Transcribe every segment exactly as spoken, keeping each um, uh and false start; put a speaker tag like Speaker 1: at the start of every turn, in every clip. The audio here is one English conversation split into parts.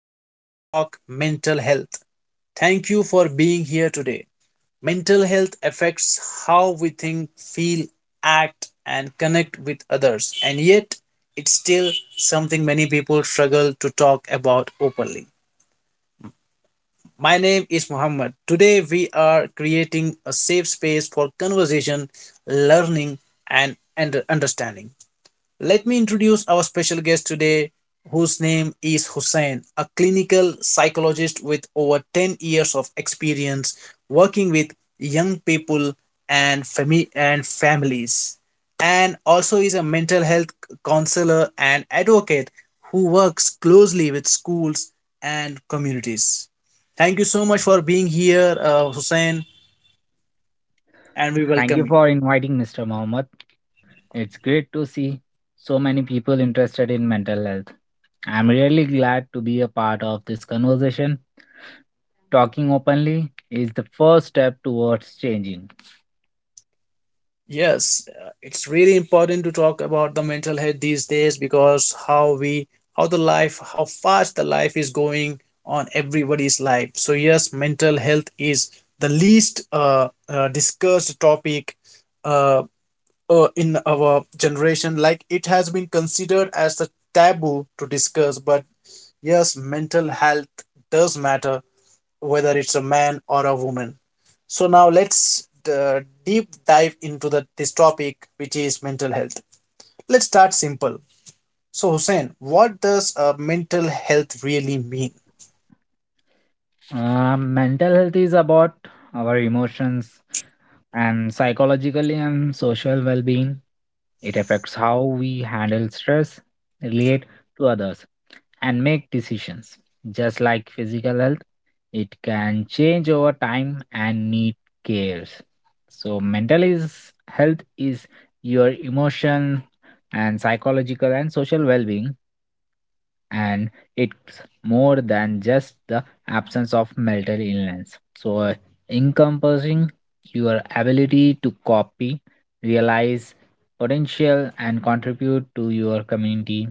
Speaker 1: to Let's Talk Mental Health. Thank you for being here today. Mental health affects how we think, feel, act, and connect with others, and yet it's still something many people struggle to talk about openly. My name is Muhammad. Today, we are creating a safe space for conversation, learning, and and understanding. Let me introduce our special guest today, whose name is Hussein, a clinical psychologist with over ten years of experience working with young people and, fami- and families, and also is a mental health counselor and advocate who works closely with schools and communities. Thank you so much for being here, uh, Hussein, and we
Speaker 2: Thank
Speaker 1: welcome
Speaker 2: you
Speaker 1: you.
Speaker 2: for inviting mister Mohammed. It's great to see so many people interested in mental health. I'm really glad to be a part of this conversation. Talking openly is the first step towards changing.
Speaker 1: Yes, uh, it's really important to talk about the mental health these days because how we, how the life, how fast the life is going on everybody's life. So, yes, mental health is the least uh, uh, discussed topic uh, uh, in our generation. Like it has been considered as a taboo to discuss, but yes, mental health does matter whether it's a man or a woman. So now let's uh, deep dive into the, this topic, which is mental health. Let's start simple. So, Hussein, what does uh, mental health really mean?
Speaker 2: Uh, mental health is about our emotions, and psychologically and social well being. It affects how we handle stress, relate to others, and make decisions. Just like physical health, it can change over time and need cares. So, mental is, health is your emotion and psychological and social well being, and it's more than just the absence of mental illness. So, uh, encompassing your ability to copy, realize potential, and contribute to your community,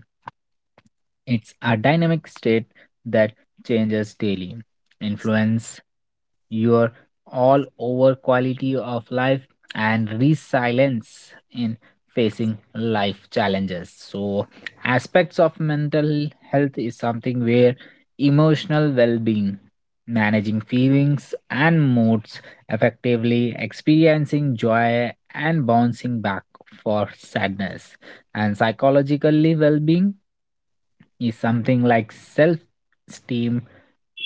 Speaker 2: it's a dynamic state that changes daily, influence your all over quality of life and resilience in facing life challenges. So, aspects of mental health is something where emotional well-being, managing feelings and moods effectively, experiencing joy and bouncing back for sadness, and psychologically well-being is something like self esteem,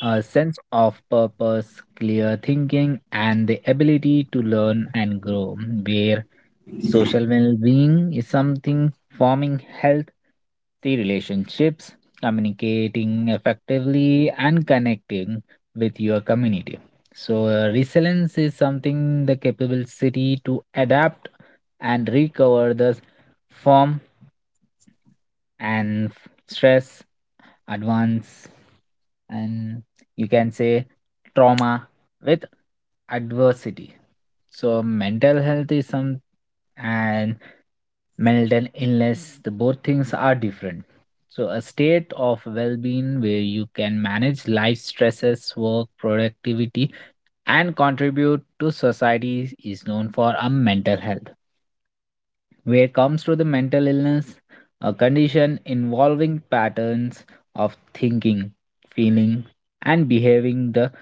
Speaker 2: a sense of purpose, clear thinking, and the ability to learn and grow, where social well being is something forming health, the relationships, communicating effectively, and connecting with your community. So, uh, resilience is something the capability to adapt and recover the form and stress advance and you can say trauma with adversity. So mental health is some, and mental illness, the both things are different. So a state of well-being where you can manage life stresses, work productivity, and contribute to society is known for a mental health. Where comes to the mental illness, a condition involving patterns of thinking, feeling, and behaving that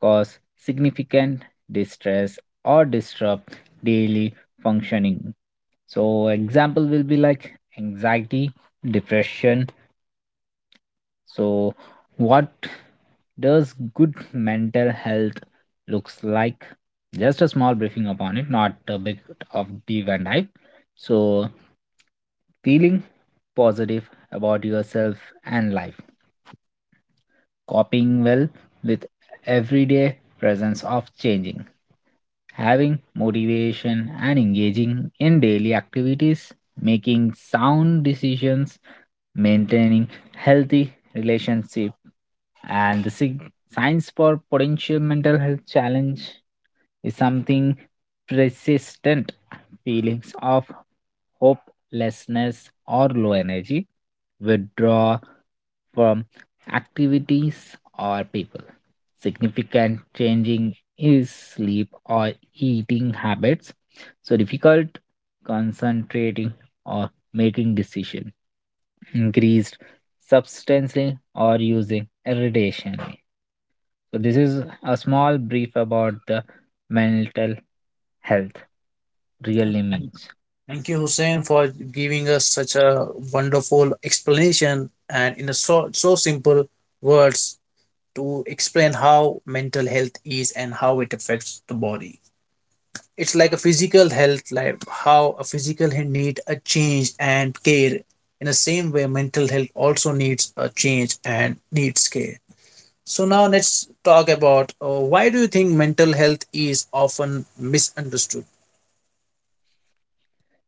Speaker 2: cause significant distress or disrupt daily functioning. So, example will be like anxiety, depression. So, what does good mental health looks like? Just a small briefing upon it, not a bit of deep and dive. So, feeling positive about yourself and life, coping well with everyday presence of changing, having motivation and engaging in daily activities, making sound decisions, maintaining healthy relationship, and the sig- signs for potential mental health challenge is something persistent feelings of hopelessness or low energy, withdrawal from activities or people. Significant changing is sleep or eating habits. So difficult concentrating or making decision. Increased substantially or using irritationally. So this is a small brief about the mental health really
Speaker 1: Thank
Speaker 2: means.
Speaker 1: thank you, Hussein, for giving us such a wonderful explanation and in a so, so simple words to explain how mental health is and how it affects the body. It's like a physical health, like how a physical health need a change and care. In the same way mental health also needs a change and needs care. So now let's talk about, uh, why do you think mental health is often misunderstood?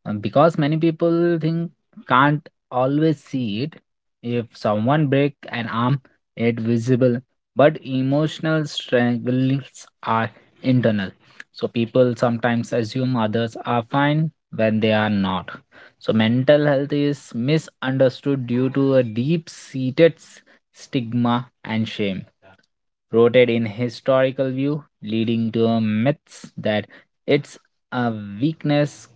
Speaker 2: Um, because many people think, can't always see it. If someone break an arm, it visible, but emotional struggles are internal, so people sometimes assume others are fine when they are not. So mental health is misunderstood due to a deep seated stigma and shame rooted in historical view, leading to a myths that it's a weakness,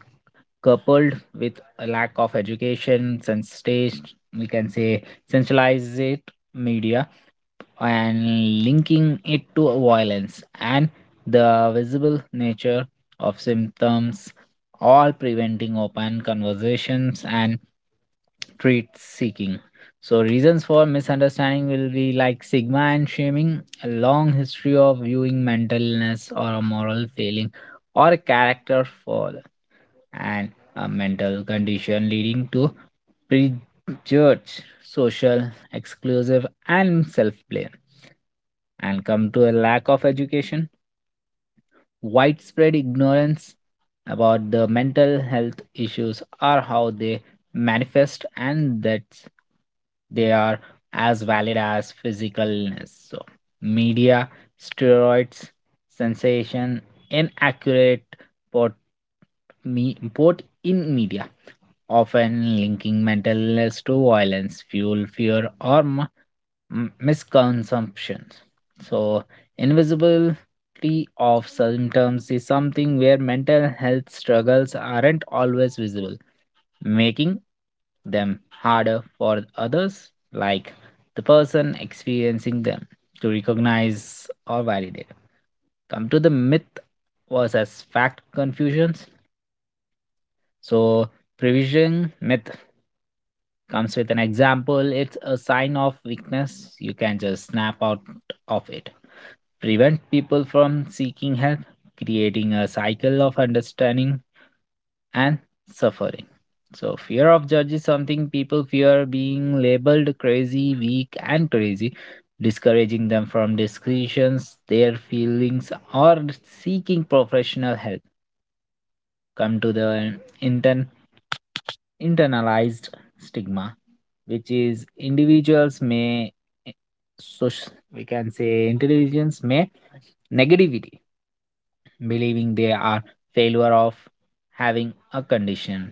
Speaker 2: coupled with a lack of education, sensitized, we can say centralized media, and linking it to violence and the visible nature of symptoms, all preventing open conversations and treat seeking. So, reasons for misunderstanding will be like stigma and shaming, a long history of viewing mental illness or a moral failing or a character flaw, and a mental condition leading to prejudged social exclusive and self-blame, and come to a lack of education, widespread ignorance about the mental health issues or how they manifest and that they are as valid as physical illness. So media steroids sensation inaccurate port me port in media often linking mental illness to violence, fuel, fear, or m- m- misconsumption. So, invisibility of symptoms is something where mental health struggles aren't always visible, making them harder for others, like the person experiencing them, to recognize or validate. Come to the myth versus fact confusions. So, prevision myth comes with an example, it's a sign of weakness. You can just snap out of it. Prevent people from seeking help, creating a cycle of understanding and suffering. So, fear of judge is something people fear being labeled crazy, weak, and crazy, discouraging them from discussions, their feelings, or seeking professional help. Come to the internal internalized stigma, which is individuals may, so we can say intelligence may negativity, believing they are failure of having a condition,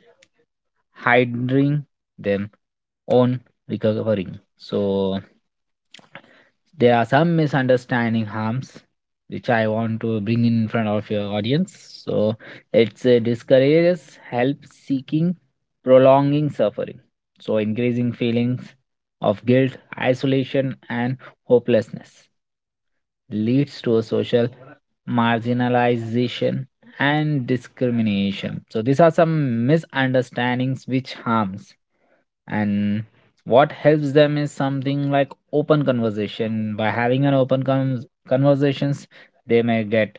Speaker 2: hiding them own recovering. So there are some misunderstanding harms which I want to bring in front of your audience. So it's uh, discourages help seeking, prolonging suffering. So increasing feelings of guilt, isolation, and hopelessness leads to a social marginalization and discrimination. So these are some misunderstandings which harms, and what helps them is something like open conversation. By having an open con- conversations, they may get,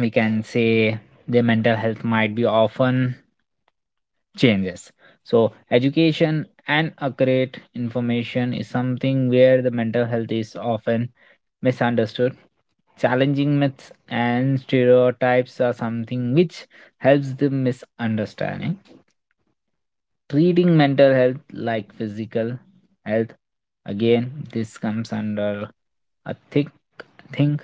Speaker 2: we can say, their mental health might be often changes. So education and accurate information is something where the mental health is often misunderstood. Challenging myths and stereotypes are something which helps the misunderstanding. Treating mental health like physical health, again, this comes under a thick think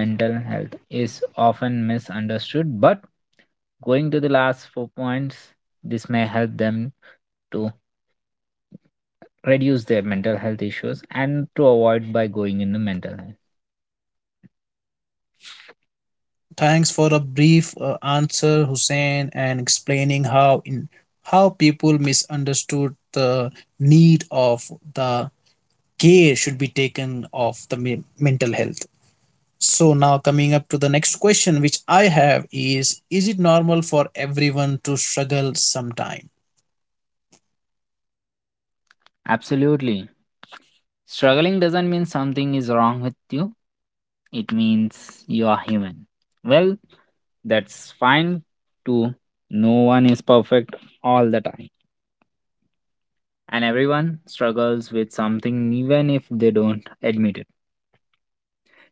Speaker 2: mental health is often misunderstood, but going to the last four points, this may help them to reduce their mental health issues and to avoid by going into mental health.
Speaker 1: Thanks for a brief uh, answer, Hussein, and explaining how in how people misunderstood the need of the care should be taken of the me- mental health. So now coming up to the next question which I have is is it normal for everyone to struggle sometime?
Speaker 2: Absolutely, struggling doesn't mean something is wrong with you. It means you are human. Well, that's fine too. No one is perfect all the time. And everyone struggles with something even if they don't admit it.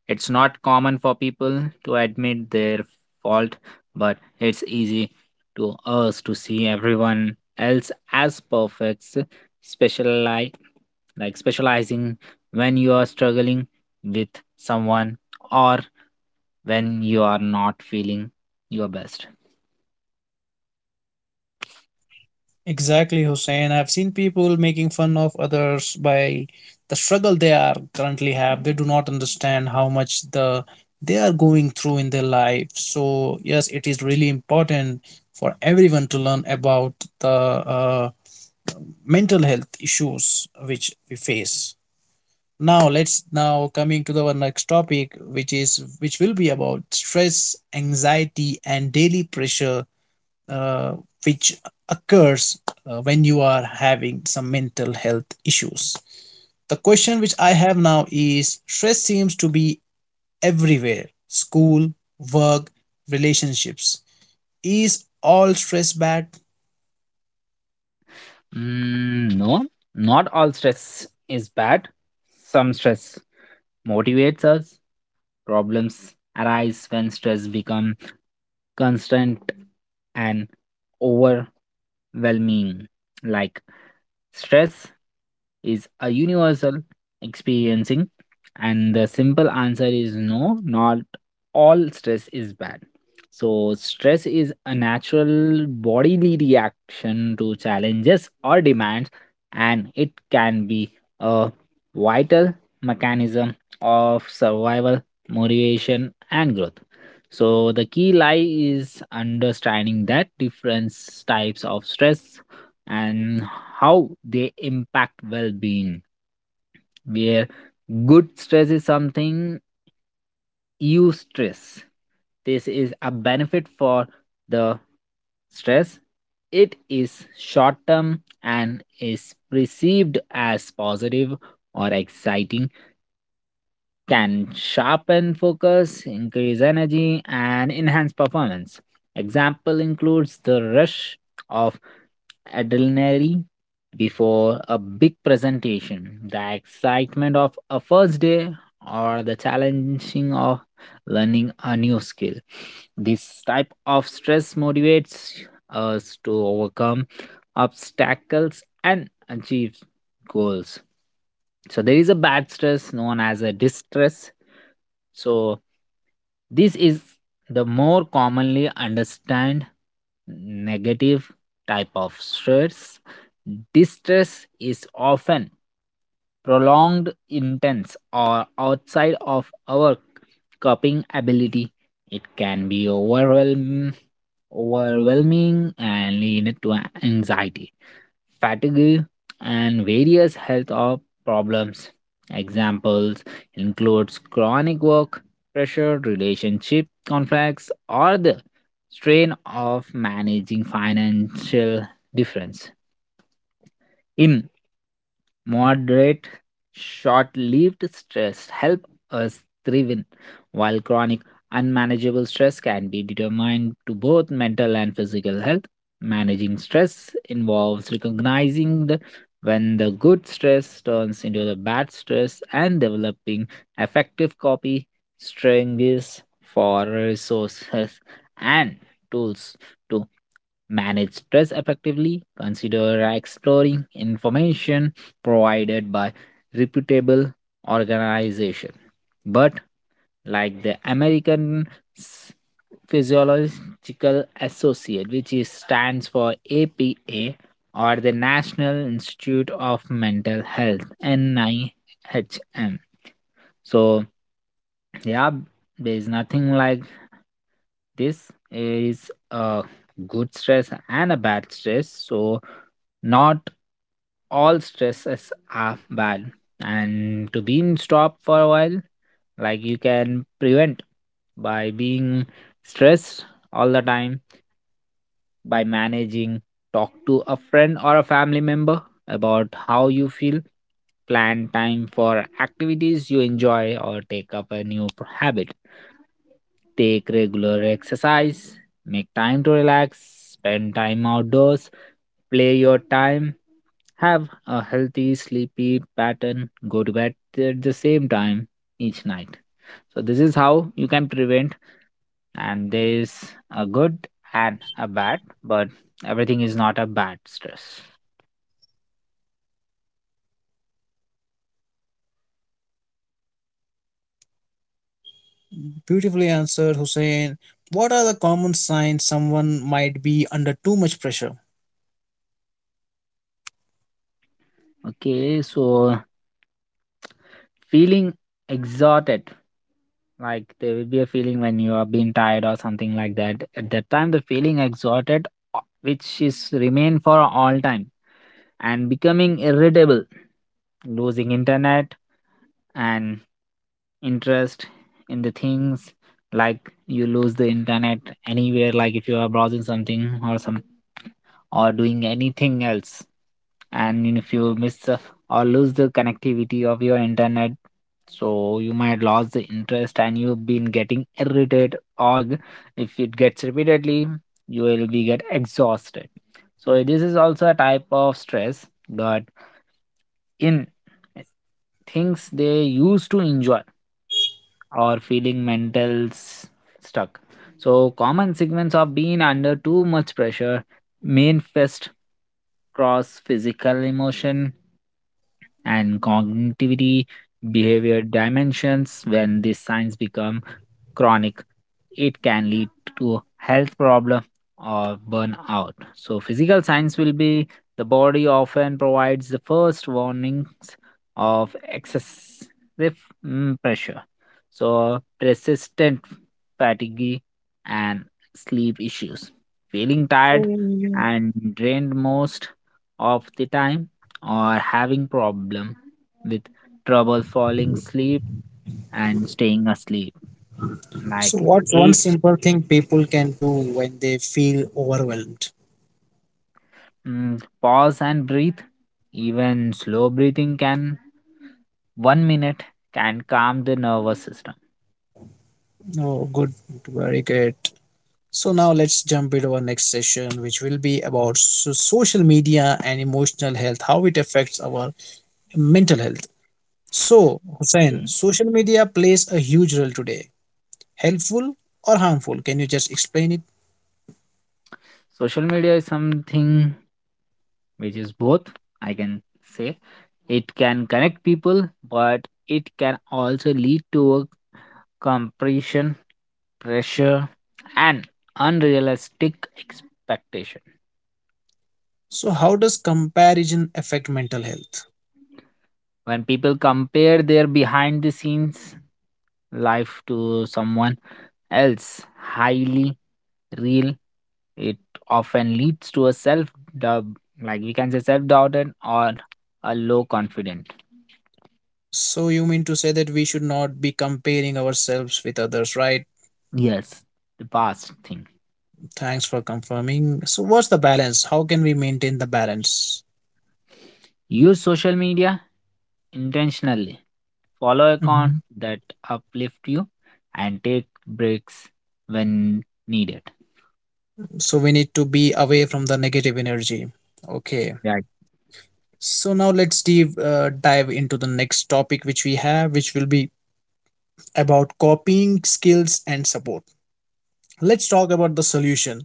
Speaker 2: It's not common for people to admit their fault, but it's easy to us to see everyone else as perfect, speciali- like specializing when you are struggling with someone or when you are not feeling your best.
Speaker 1: Exactly, Hussein. I've seen people making fun of others by the struggle they are currently have. They do not understand how much the they are going through in their life. So yes, it is really important for everyone to learn about the uh, mental health issues which we face. Now let's now coming to the our next topic, which is which will be about stress, anxiety, and daily pressure, uh, which occurs uh, when you are having some mental health issues. The question which I have now is: stress seems to be everywhere. School, work, relationships. Is all stress bad?
Speaker 2: Mm, no, not all stress is bad. Some stress motivates us. Problems arise when stress becomes constant and overwhelming, like, stress is a universal experiencing and the simple answer is no, not all stress is bad. So stress is a natural bodily reaction to challenges or demands and it can be a vital mechanism of survival, motivation, and growth. So the key lie is understanding that different types of stress and how they impact well-being, where good stress is something, you stress, this is a benefit for the stress. It is short term and is perceived as positive or exciting, can sharpen focus, increase energy, and enhance performance. Example includes the rush of adrenaline before a big presentation, the excitement of a first day, or the challenging of learning a new skill. This type of stress motivates us to overcome obstacles and achieve goals. So there is a bad stress known as a distress. So this is the more commonly understood negative type of stress. Distress is often prolonged, intense, or outside of our coping ability. It can be overwhelm- overwhelming and lead to anxiety, fatigue, and various health or problems. Examples includes chronic work, pressure, relationship conflicts, or the strain of managing financial difference. In moderate, short lived stress help us thrive, while chronic, unmanageable stress can be determined to both mental and physical health. Managing stress involves recognizing the, when the good stress turns into the bad stress, and developing effective copy strategies for resources and tools to manage stress effectively. Consider uh, exploring information provided by reputable organization. But like the American S- Physiological Associate, which is, stands for A P A, or the National Institute of Mental Health, N I H M. So yeah, there's nothing like this is a good stress and a bad stress. So, not all stresses are bad. And to being stop for a while, like you can prevent by being stressed all the time by managing, talk to a friend or a family member about how you feel, plan time for activities you enjoy or take up a new p- habit, take regular exercise, make time to relax, spend time outdoors, play your time, have a healthy sleepy pattern, go to bed at the same time each night. So this is how you can prevent, and there is a good and a bad, but everything is not a bad stress.
Speaker 1: Beautifully answered, Hussein. What are the common signs someone might be under too much pressure?
Speaker 2: Okay, so feeling exhausted, like there will be a feeling when you are being tired or something like that. At that time, the feeling exhausted, uh, which is remain for all time, and becoming irritable, losing internet and interest in the things, like you lose the internet anywhere, like if you are browsing something or some or doing anything else, and if you miss uh, or lose the connectivity of your internet, so you might lose the interest and you've been getting irritated or g-, if it gets repeatedly you will be get exhausted. So this is also a type of stress but in things they used to enjoy or feeling mental s- stuck. So common segments of being under too much pressure manifest cross physical emotion and cognitivity behavior dimensions. When these signs become chronic, it can lead to health problem or burnout. So physical signs will be the body often provides the first warnings of excessive mm, pressure. So persistent fatigue and sleep issues, feeling tired and drained most of the time, or having problem with trouble falling asleep and staying asleep
Speaker 1: So,
Speaker 2: like
Speaker 1: what's one
Speaker 2: eight.
Speaker 1: simple thing people can do when they feel overwhelmed?
Speaker 2: Mm, pause and breathe. Even slow breathing can one minute can calm the nervous system.
Speaker 1: Oh, good, very good. So, now let's jump into our next session, which will be about so- social media and emotional health, how it affects our mental health. So, Hussein,
Speaker 2: Okay.
Speaker 1: social media plays a huge role today. Helpful or harmful? Can you just explain it?
Speaker 2: Social media is something which is both. I can say it can connect people, but it can also lead to a compression, pressure, and unrealistic expectation.
Speaker 1: So, how does comparison affect mental health?
Speaker 2: When people compare their behind the scenes life to someone else highly real, it often leads to a self doubt, like we can say self doubted or a low confident.
Speaker 1: So you mean to say that we should not be comparing ourselves with others, right?
Speaker 2: Yes, the past thing.
Speaker 1: Thanks for confirming. So what's the balance? How can we maintain the balance?
Speaker 2: Use social media intentionally, follow account
Speaker 1: Mhm.
Speaker 2: that uplift you, and take breaks when needed.
Speaker 1: So we need to be away from the negative energy. Okay. So now let's dive uh, dive into the next topic which we have, which will be about copying skills and support. Let's talk about the solution.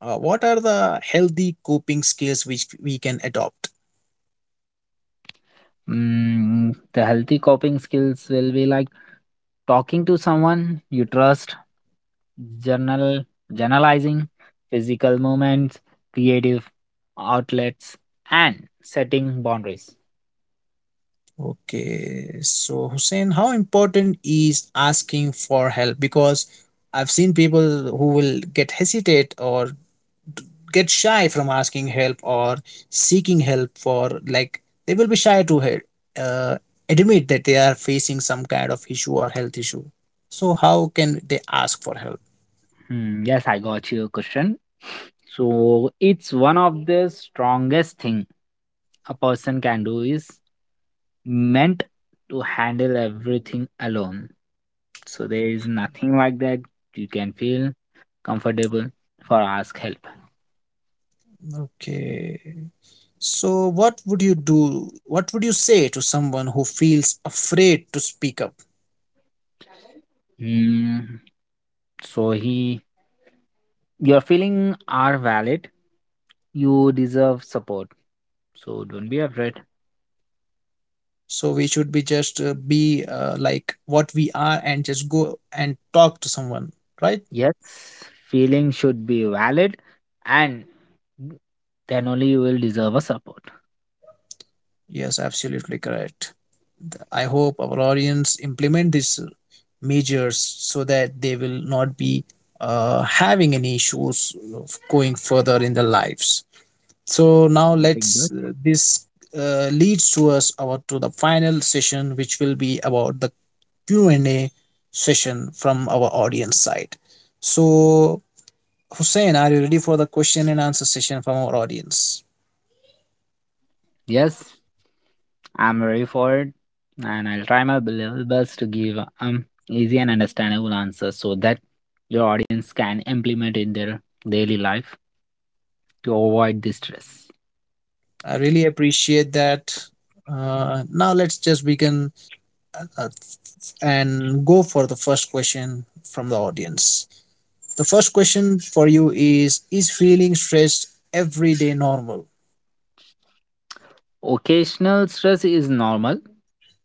Speaker 1: Uh, what are the healthy coping skills which we can adopt?
Speaker 2: Mm, the healthy coping skills will be like talking to someone you trust, journal, journalizing, physical movements, creative outlets, and setting boundaries.
Speaker 1: Okay, so Hussein, how important is asking for help? Because I've seen people who will get hesitate or get shy from asking help or seeking help, for like they will be shy to he- uh, admit that they are facing some kind of issue or health issue. So how can they ask for help?
Speaker 2: Hmm, yes, I got your question. So it's one of the strongest thing a person can do is meant to handle everything alone. So there is nothing like that. You can feel comfortable for ask help.
Speaker 1: Okay. So what would you do? What would you say to someone who feels afraid to speak up?
Speaker 2: Hmm. So he, your feeling are valid, you deserve support, so don't be afraid.
Speaker 1: So we should be just uh, be uh, like what we are and just go and talk to someone, right?
Speaker 2: Yes, feeling should be valid, and then only you will deserve a support.
Speaker 1: Yes, absolutely correct. I hope our audience implement these measures so that they will not be uh, having any issues of going further in their lives. So now
Speaker 2: Nothing good.
Speaker 1: let's uh, this uh, leads to us our to the final session which will be about the Q&A session from our audience side. So Hussein, are you ready for the question and answer session from our audience?
Speaker 2: Yes, I'm ready for it, and I'll try my level best to give um easy and understandable answers so that your audience can implement in their daily life to avoid the stress.
Speaker 1: I really appreciate that. Uh, now let's just begin uh, and go for the first question from the audience. The first question for you is Is feeling stressed every day normal?
Speaker 2: Occasional stress is normal,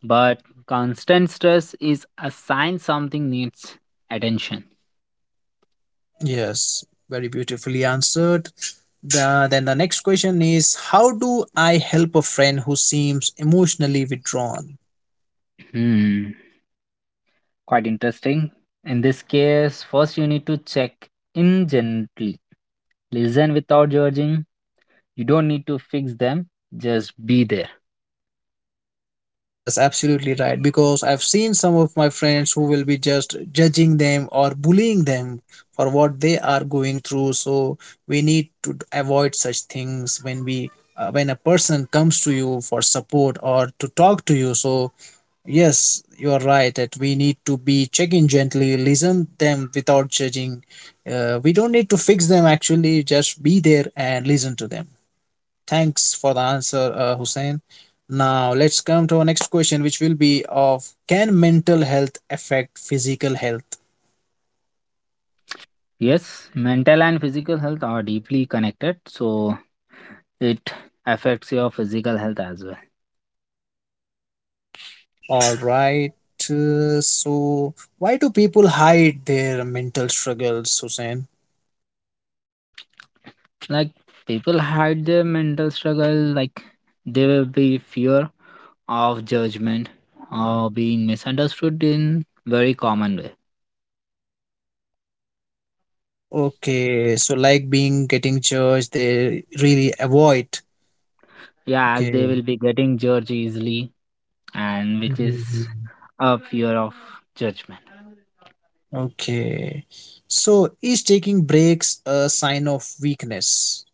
Speaker 2: but constant stress is a sign something needs attention.
Speaker 1: Yes, very beautifully answered. The, then the next question is, how do I help a friend who seems emotionally withdrawn?
Speaker 2: Hmm, quite interesting. In this case, first you need to check in gently. Listen without judging. You don't need to fix them, just be there.
Speaker 1: Yes, absolutely right. Because I've seen some of my friends who will be just judging them or bullying them for what they are going through. So we need to d- avoid such things when we, uh, when a person comes to you for support or to talk to you. So yes, you are right that we need to be checking gently, listen them without judging. Uh, we don't need to fix them actually. Just be there and listen to them. Thanks for the answer, uh, Hussein. Now let's come to our next question, which will be of, can mental health affect physical health?
Speaker 2: Yes, mental and physical health are deeply connected, so it affects your physical health as well.
Speaker 1: All right. Uh, so why do people hide their mental struggles, Hussein?
Speaker 2: Like people hide their mental struggle, like there will be fear of judgment or being misunderstood in very common way.
Speaker 1: Okay, so like being getting judged, they really avoid.
Speaker 2: Yeah, as they
Speaker 1: Okay.
Speaker 2: will be getting judged easily. And which is
Speaker 1: Mhm.
Speaker 2: a fear of judgment.
Speaker 1: Okay. So is taking breaks a sign of weakness?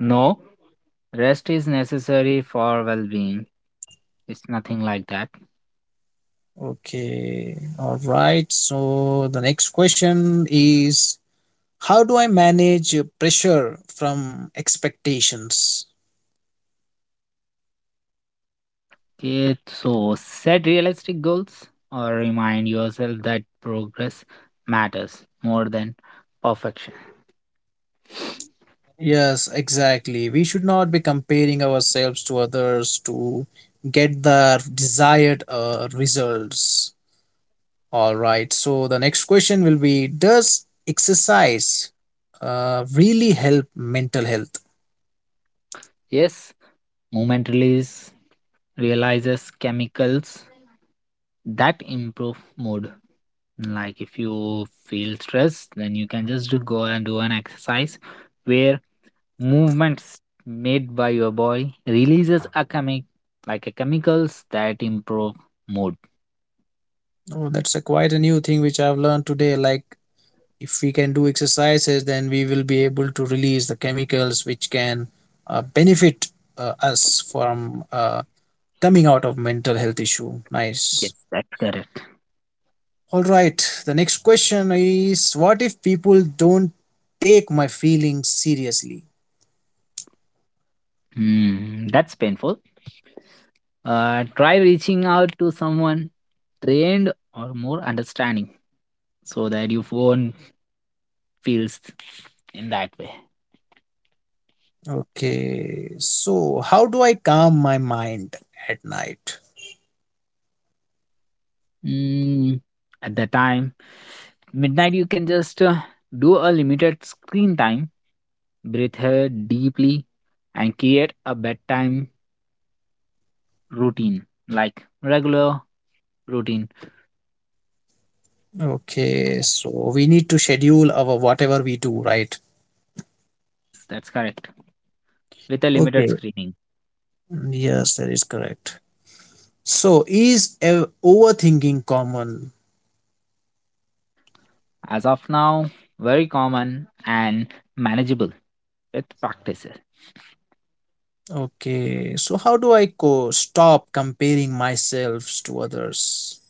Speaker 2: No, rest is necessary for well-being. It's nothing like that.
Speaker 1: Okay, all right. So the next question is, how do I manage uh, pressure from expectations?
Speaker 2: Okay, so set realistic goals or remind yourself that progress matters more than perfection.
Speaker 1: Yes, exactly. We should not be comparing ourselves to others to get the desired uh, results. All right. So the next question will be, does exercise uh, really help mental health?
Speaker 2: Yes, movement release realizes chemicals that improve mood. Like if you feel stressed, then you can just do- go and do an exercise where movements made by your body releases a chemi- like a chemicals that improve mood.
Speaker 1: Oh, that's a quite a new thing which I've learned today. Like if we can do exercises then we will be able to release the chemicals which can uh, benefit uh, us from uh, coming out of mental health issue. Nice.
Speaker 2: Yes, that's correct.
Speaker 1: All right, the next question is, what if people don't take my feelings seriously?
Speaker 2: Hmm, that's painful. Uh, try reaching out to someone trained or more understanding so that you won't feel s- in that way.
Speaker 1: Okay, so how do I calm my mind at night?
Speaker 2: Mm, at the time, midnight you can just uh, do a limited screen time, breathe her deeply, and create a bedtime routine, like regular routine.
Speaker 1: Okay, so we need to schedule our whatever we do, right?
Speaker 2: Yes, that's correct. With a limited
Speaker 1: Okay,
Speaker 2: screening.
Speaker 1: yes, that is correct. So, is ev- overthinking common?
Speaker 2: As of now, very common and manageable with practices.
Speaker 1: Okay, so how do I co- stop comparing myself to others?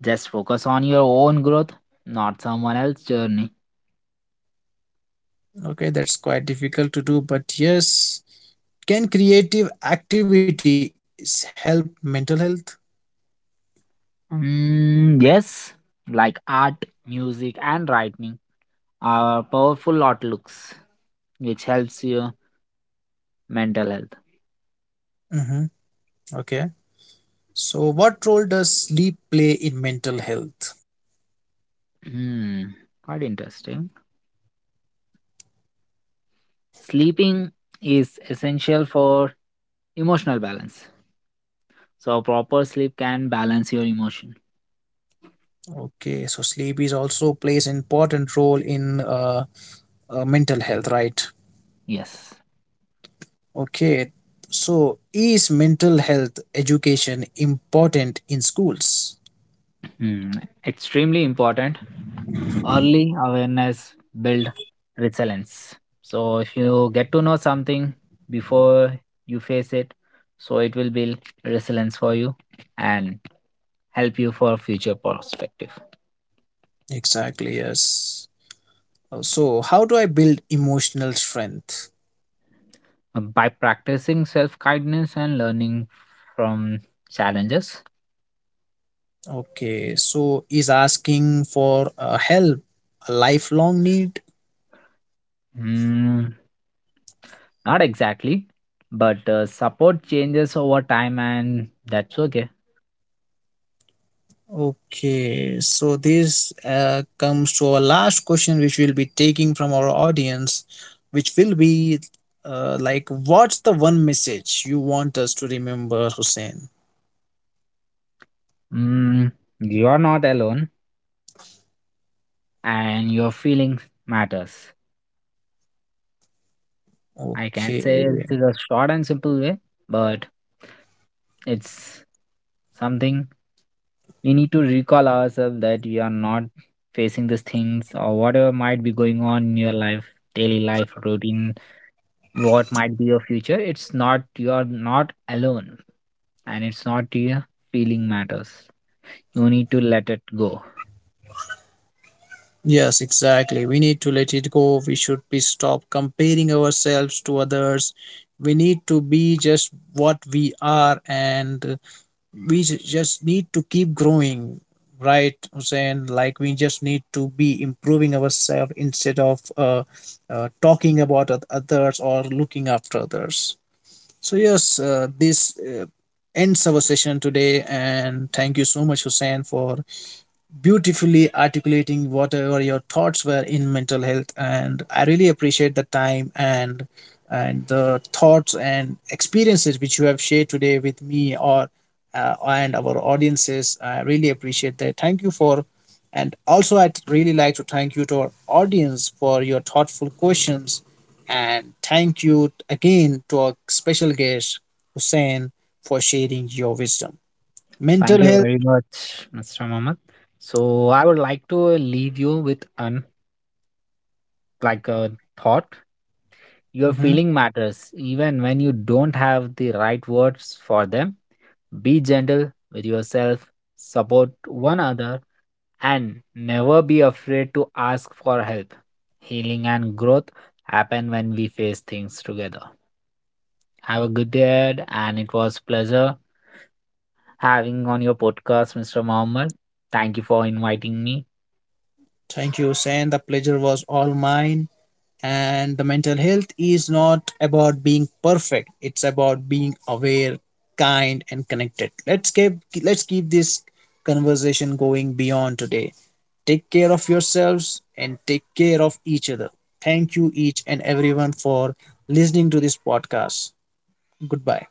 Speaker 2: Just focus on your own growth, not someone else's journey.
Speaker 1: Okay, that's quite difficult to do, but yes, can creative activities help mental health?
Speaker 2: Mm, yes, like art, music, and writing are powerful outlooks which helps your mental health.
Speaker 1: Mm-hmm. Okay, so what role does sleep play in mental health?
Speaker 2: Hmm, quite interesting. Sleeping is essential for emotional balance. So, proper sleep can balance your emotion.
Speaker 1: Okay, so sleep is also plays an important role in, uh, uh, mental health, right?
Speaker 2: Yes.
Speaker 1: Okay, so is mental health education important in schools?
Speaker 2: Hmm, Extremely important. Early awareness build resilience. So, if you get to know something before you face it, so it will build resilience for you and help you for future perspective.
Speaker 1: Exactly, yes. Uh, so how do I build emotional strength?
Speaker 2: Uh, By practicing self kindness and learning from challenges.
Speaker 1: Okay, so is asking for uh, help a lifelong need?
Speaker 2: hmm, Not exactly, but uh, support changes over time, and that's okay.
Speaker 1: Okay, so this uh, comes to our last question, which we'll be taking from our audience, which will be, uh, like, what's the one message you want us to remember, Hussein?
Speaker 2: Mm, you are not alone, and your feelings matters. I can
Speaker 1: Okay.
Speaker 2: say this is a short and simple way, but it's something we need to recall ourselves that we are not facing these things or whatever might be going on in your life, daily life routine, what might be your future. It's not, you are not alone, and it's not your feeling matters. No need to let it go.
Speaker 1: Yes, exactly. We need to let it go. We should be stop comparing ourselves to others. We need to be just what we are, and we ju- just need to keep growing, right, Hussein? Like we just need to be improving ourselves instead of uh, uh, talking about oth- others or looking after others. So yes, uh, this uh, ends our session today, and thank you so much, Hussein, for beautifully articulating whatever your thoughts were in mental health. And I really appreciate the time and and the thoughts and experiences which you have shared today with me or, uh, and our audiences. I really appreciate that. Thank you for, and also I'd really like to thank you to our audience for your thoughtful questions, and thank you again to our special guest Hussein for sharing your wisdom
Speaker 2: Thank
Speaker 1: mental
Speaker 2: you
Speaker 1: health.
Speaker 2: very much, mister Mohammed. So I would like to leave you with an like a thought. Your
Speaker 1: Mhm.
Speaker 2: feeling matters even when you don't have the right words for them. Be gentle with yourself, support one another, and never be afraid to ask for help. Healing and growth happen when we face things together. Have a good day ahead, and it was pleasure having on your podcast, mister Mohammed. Thank you for inviting me.
Speaker 1: Thank you, Sen. The pleasure was all mine. And the mental health is not about being perfect. It's about being aware, kind, and connected. Let's keep let's keep this conversation going beyond today. Take care of yourselves and take care of each other. Thank you each and everyone for listening to this podcast. Goodbye.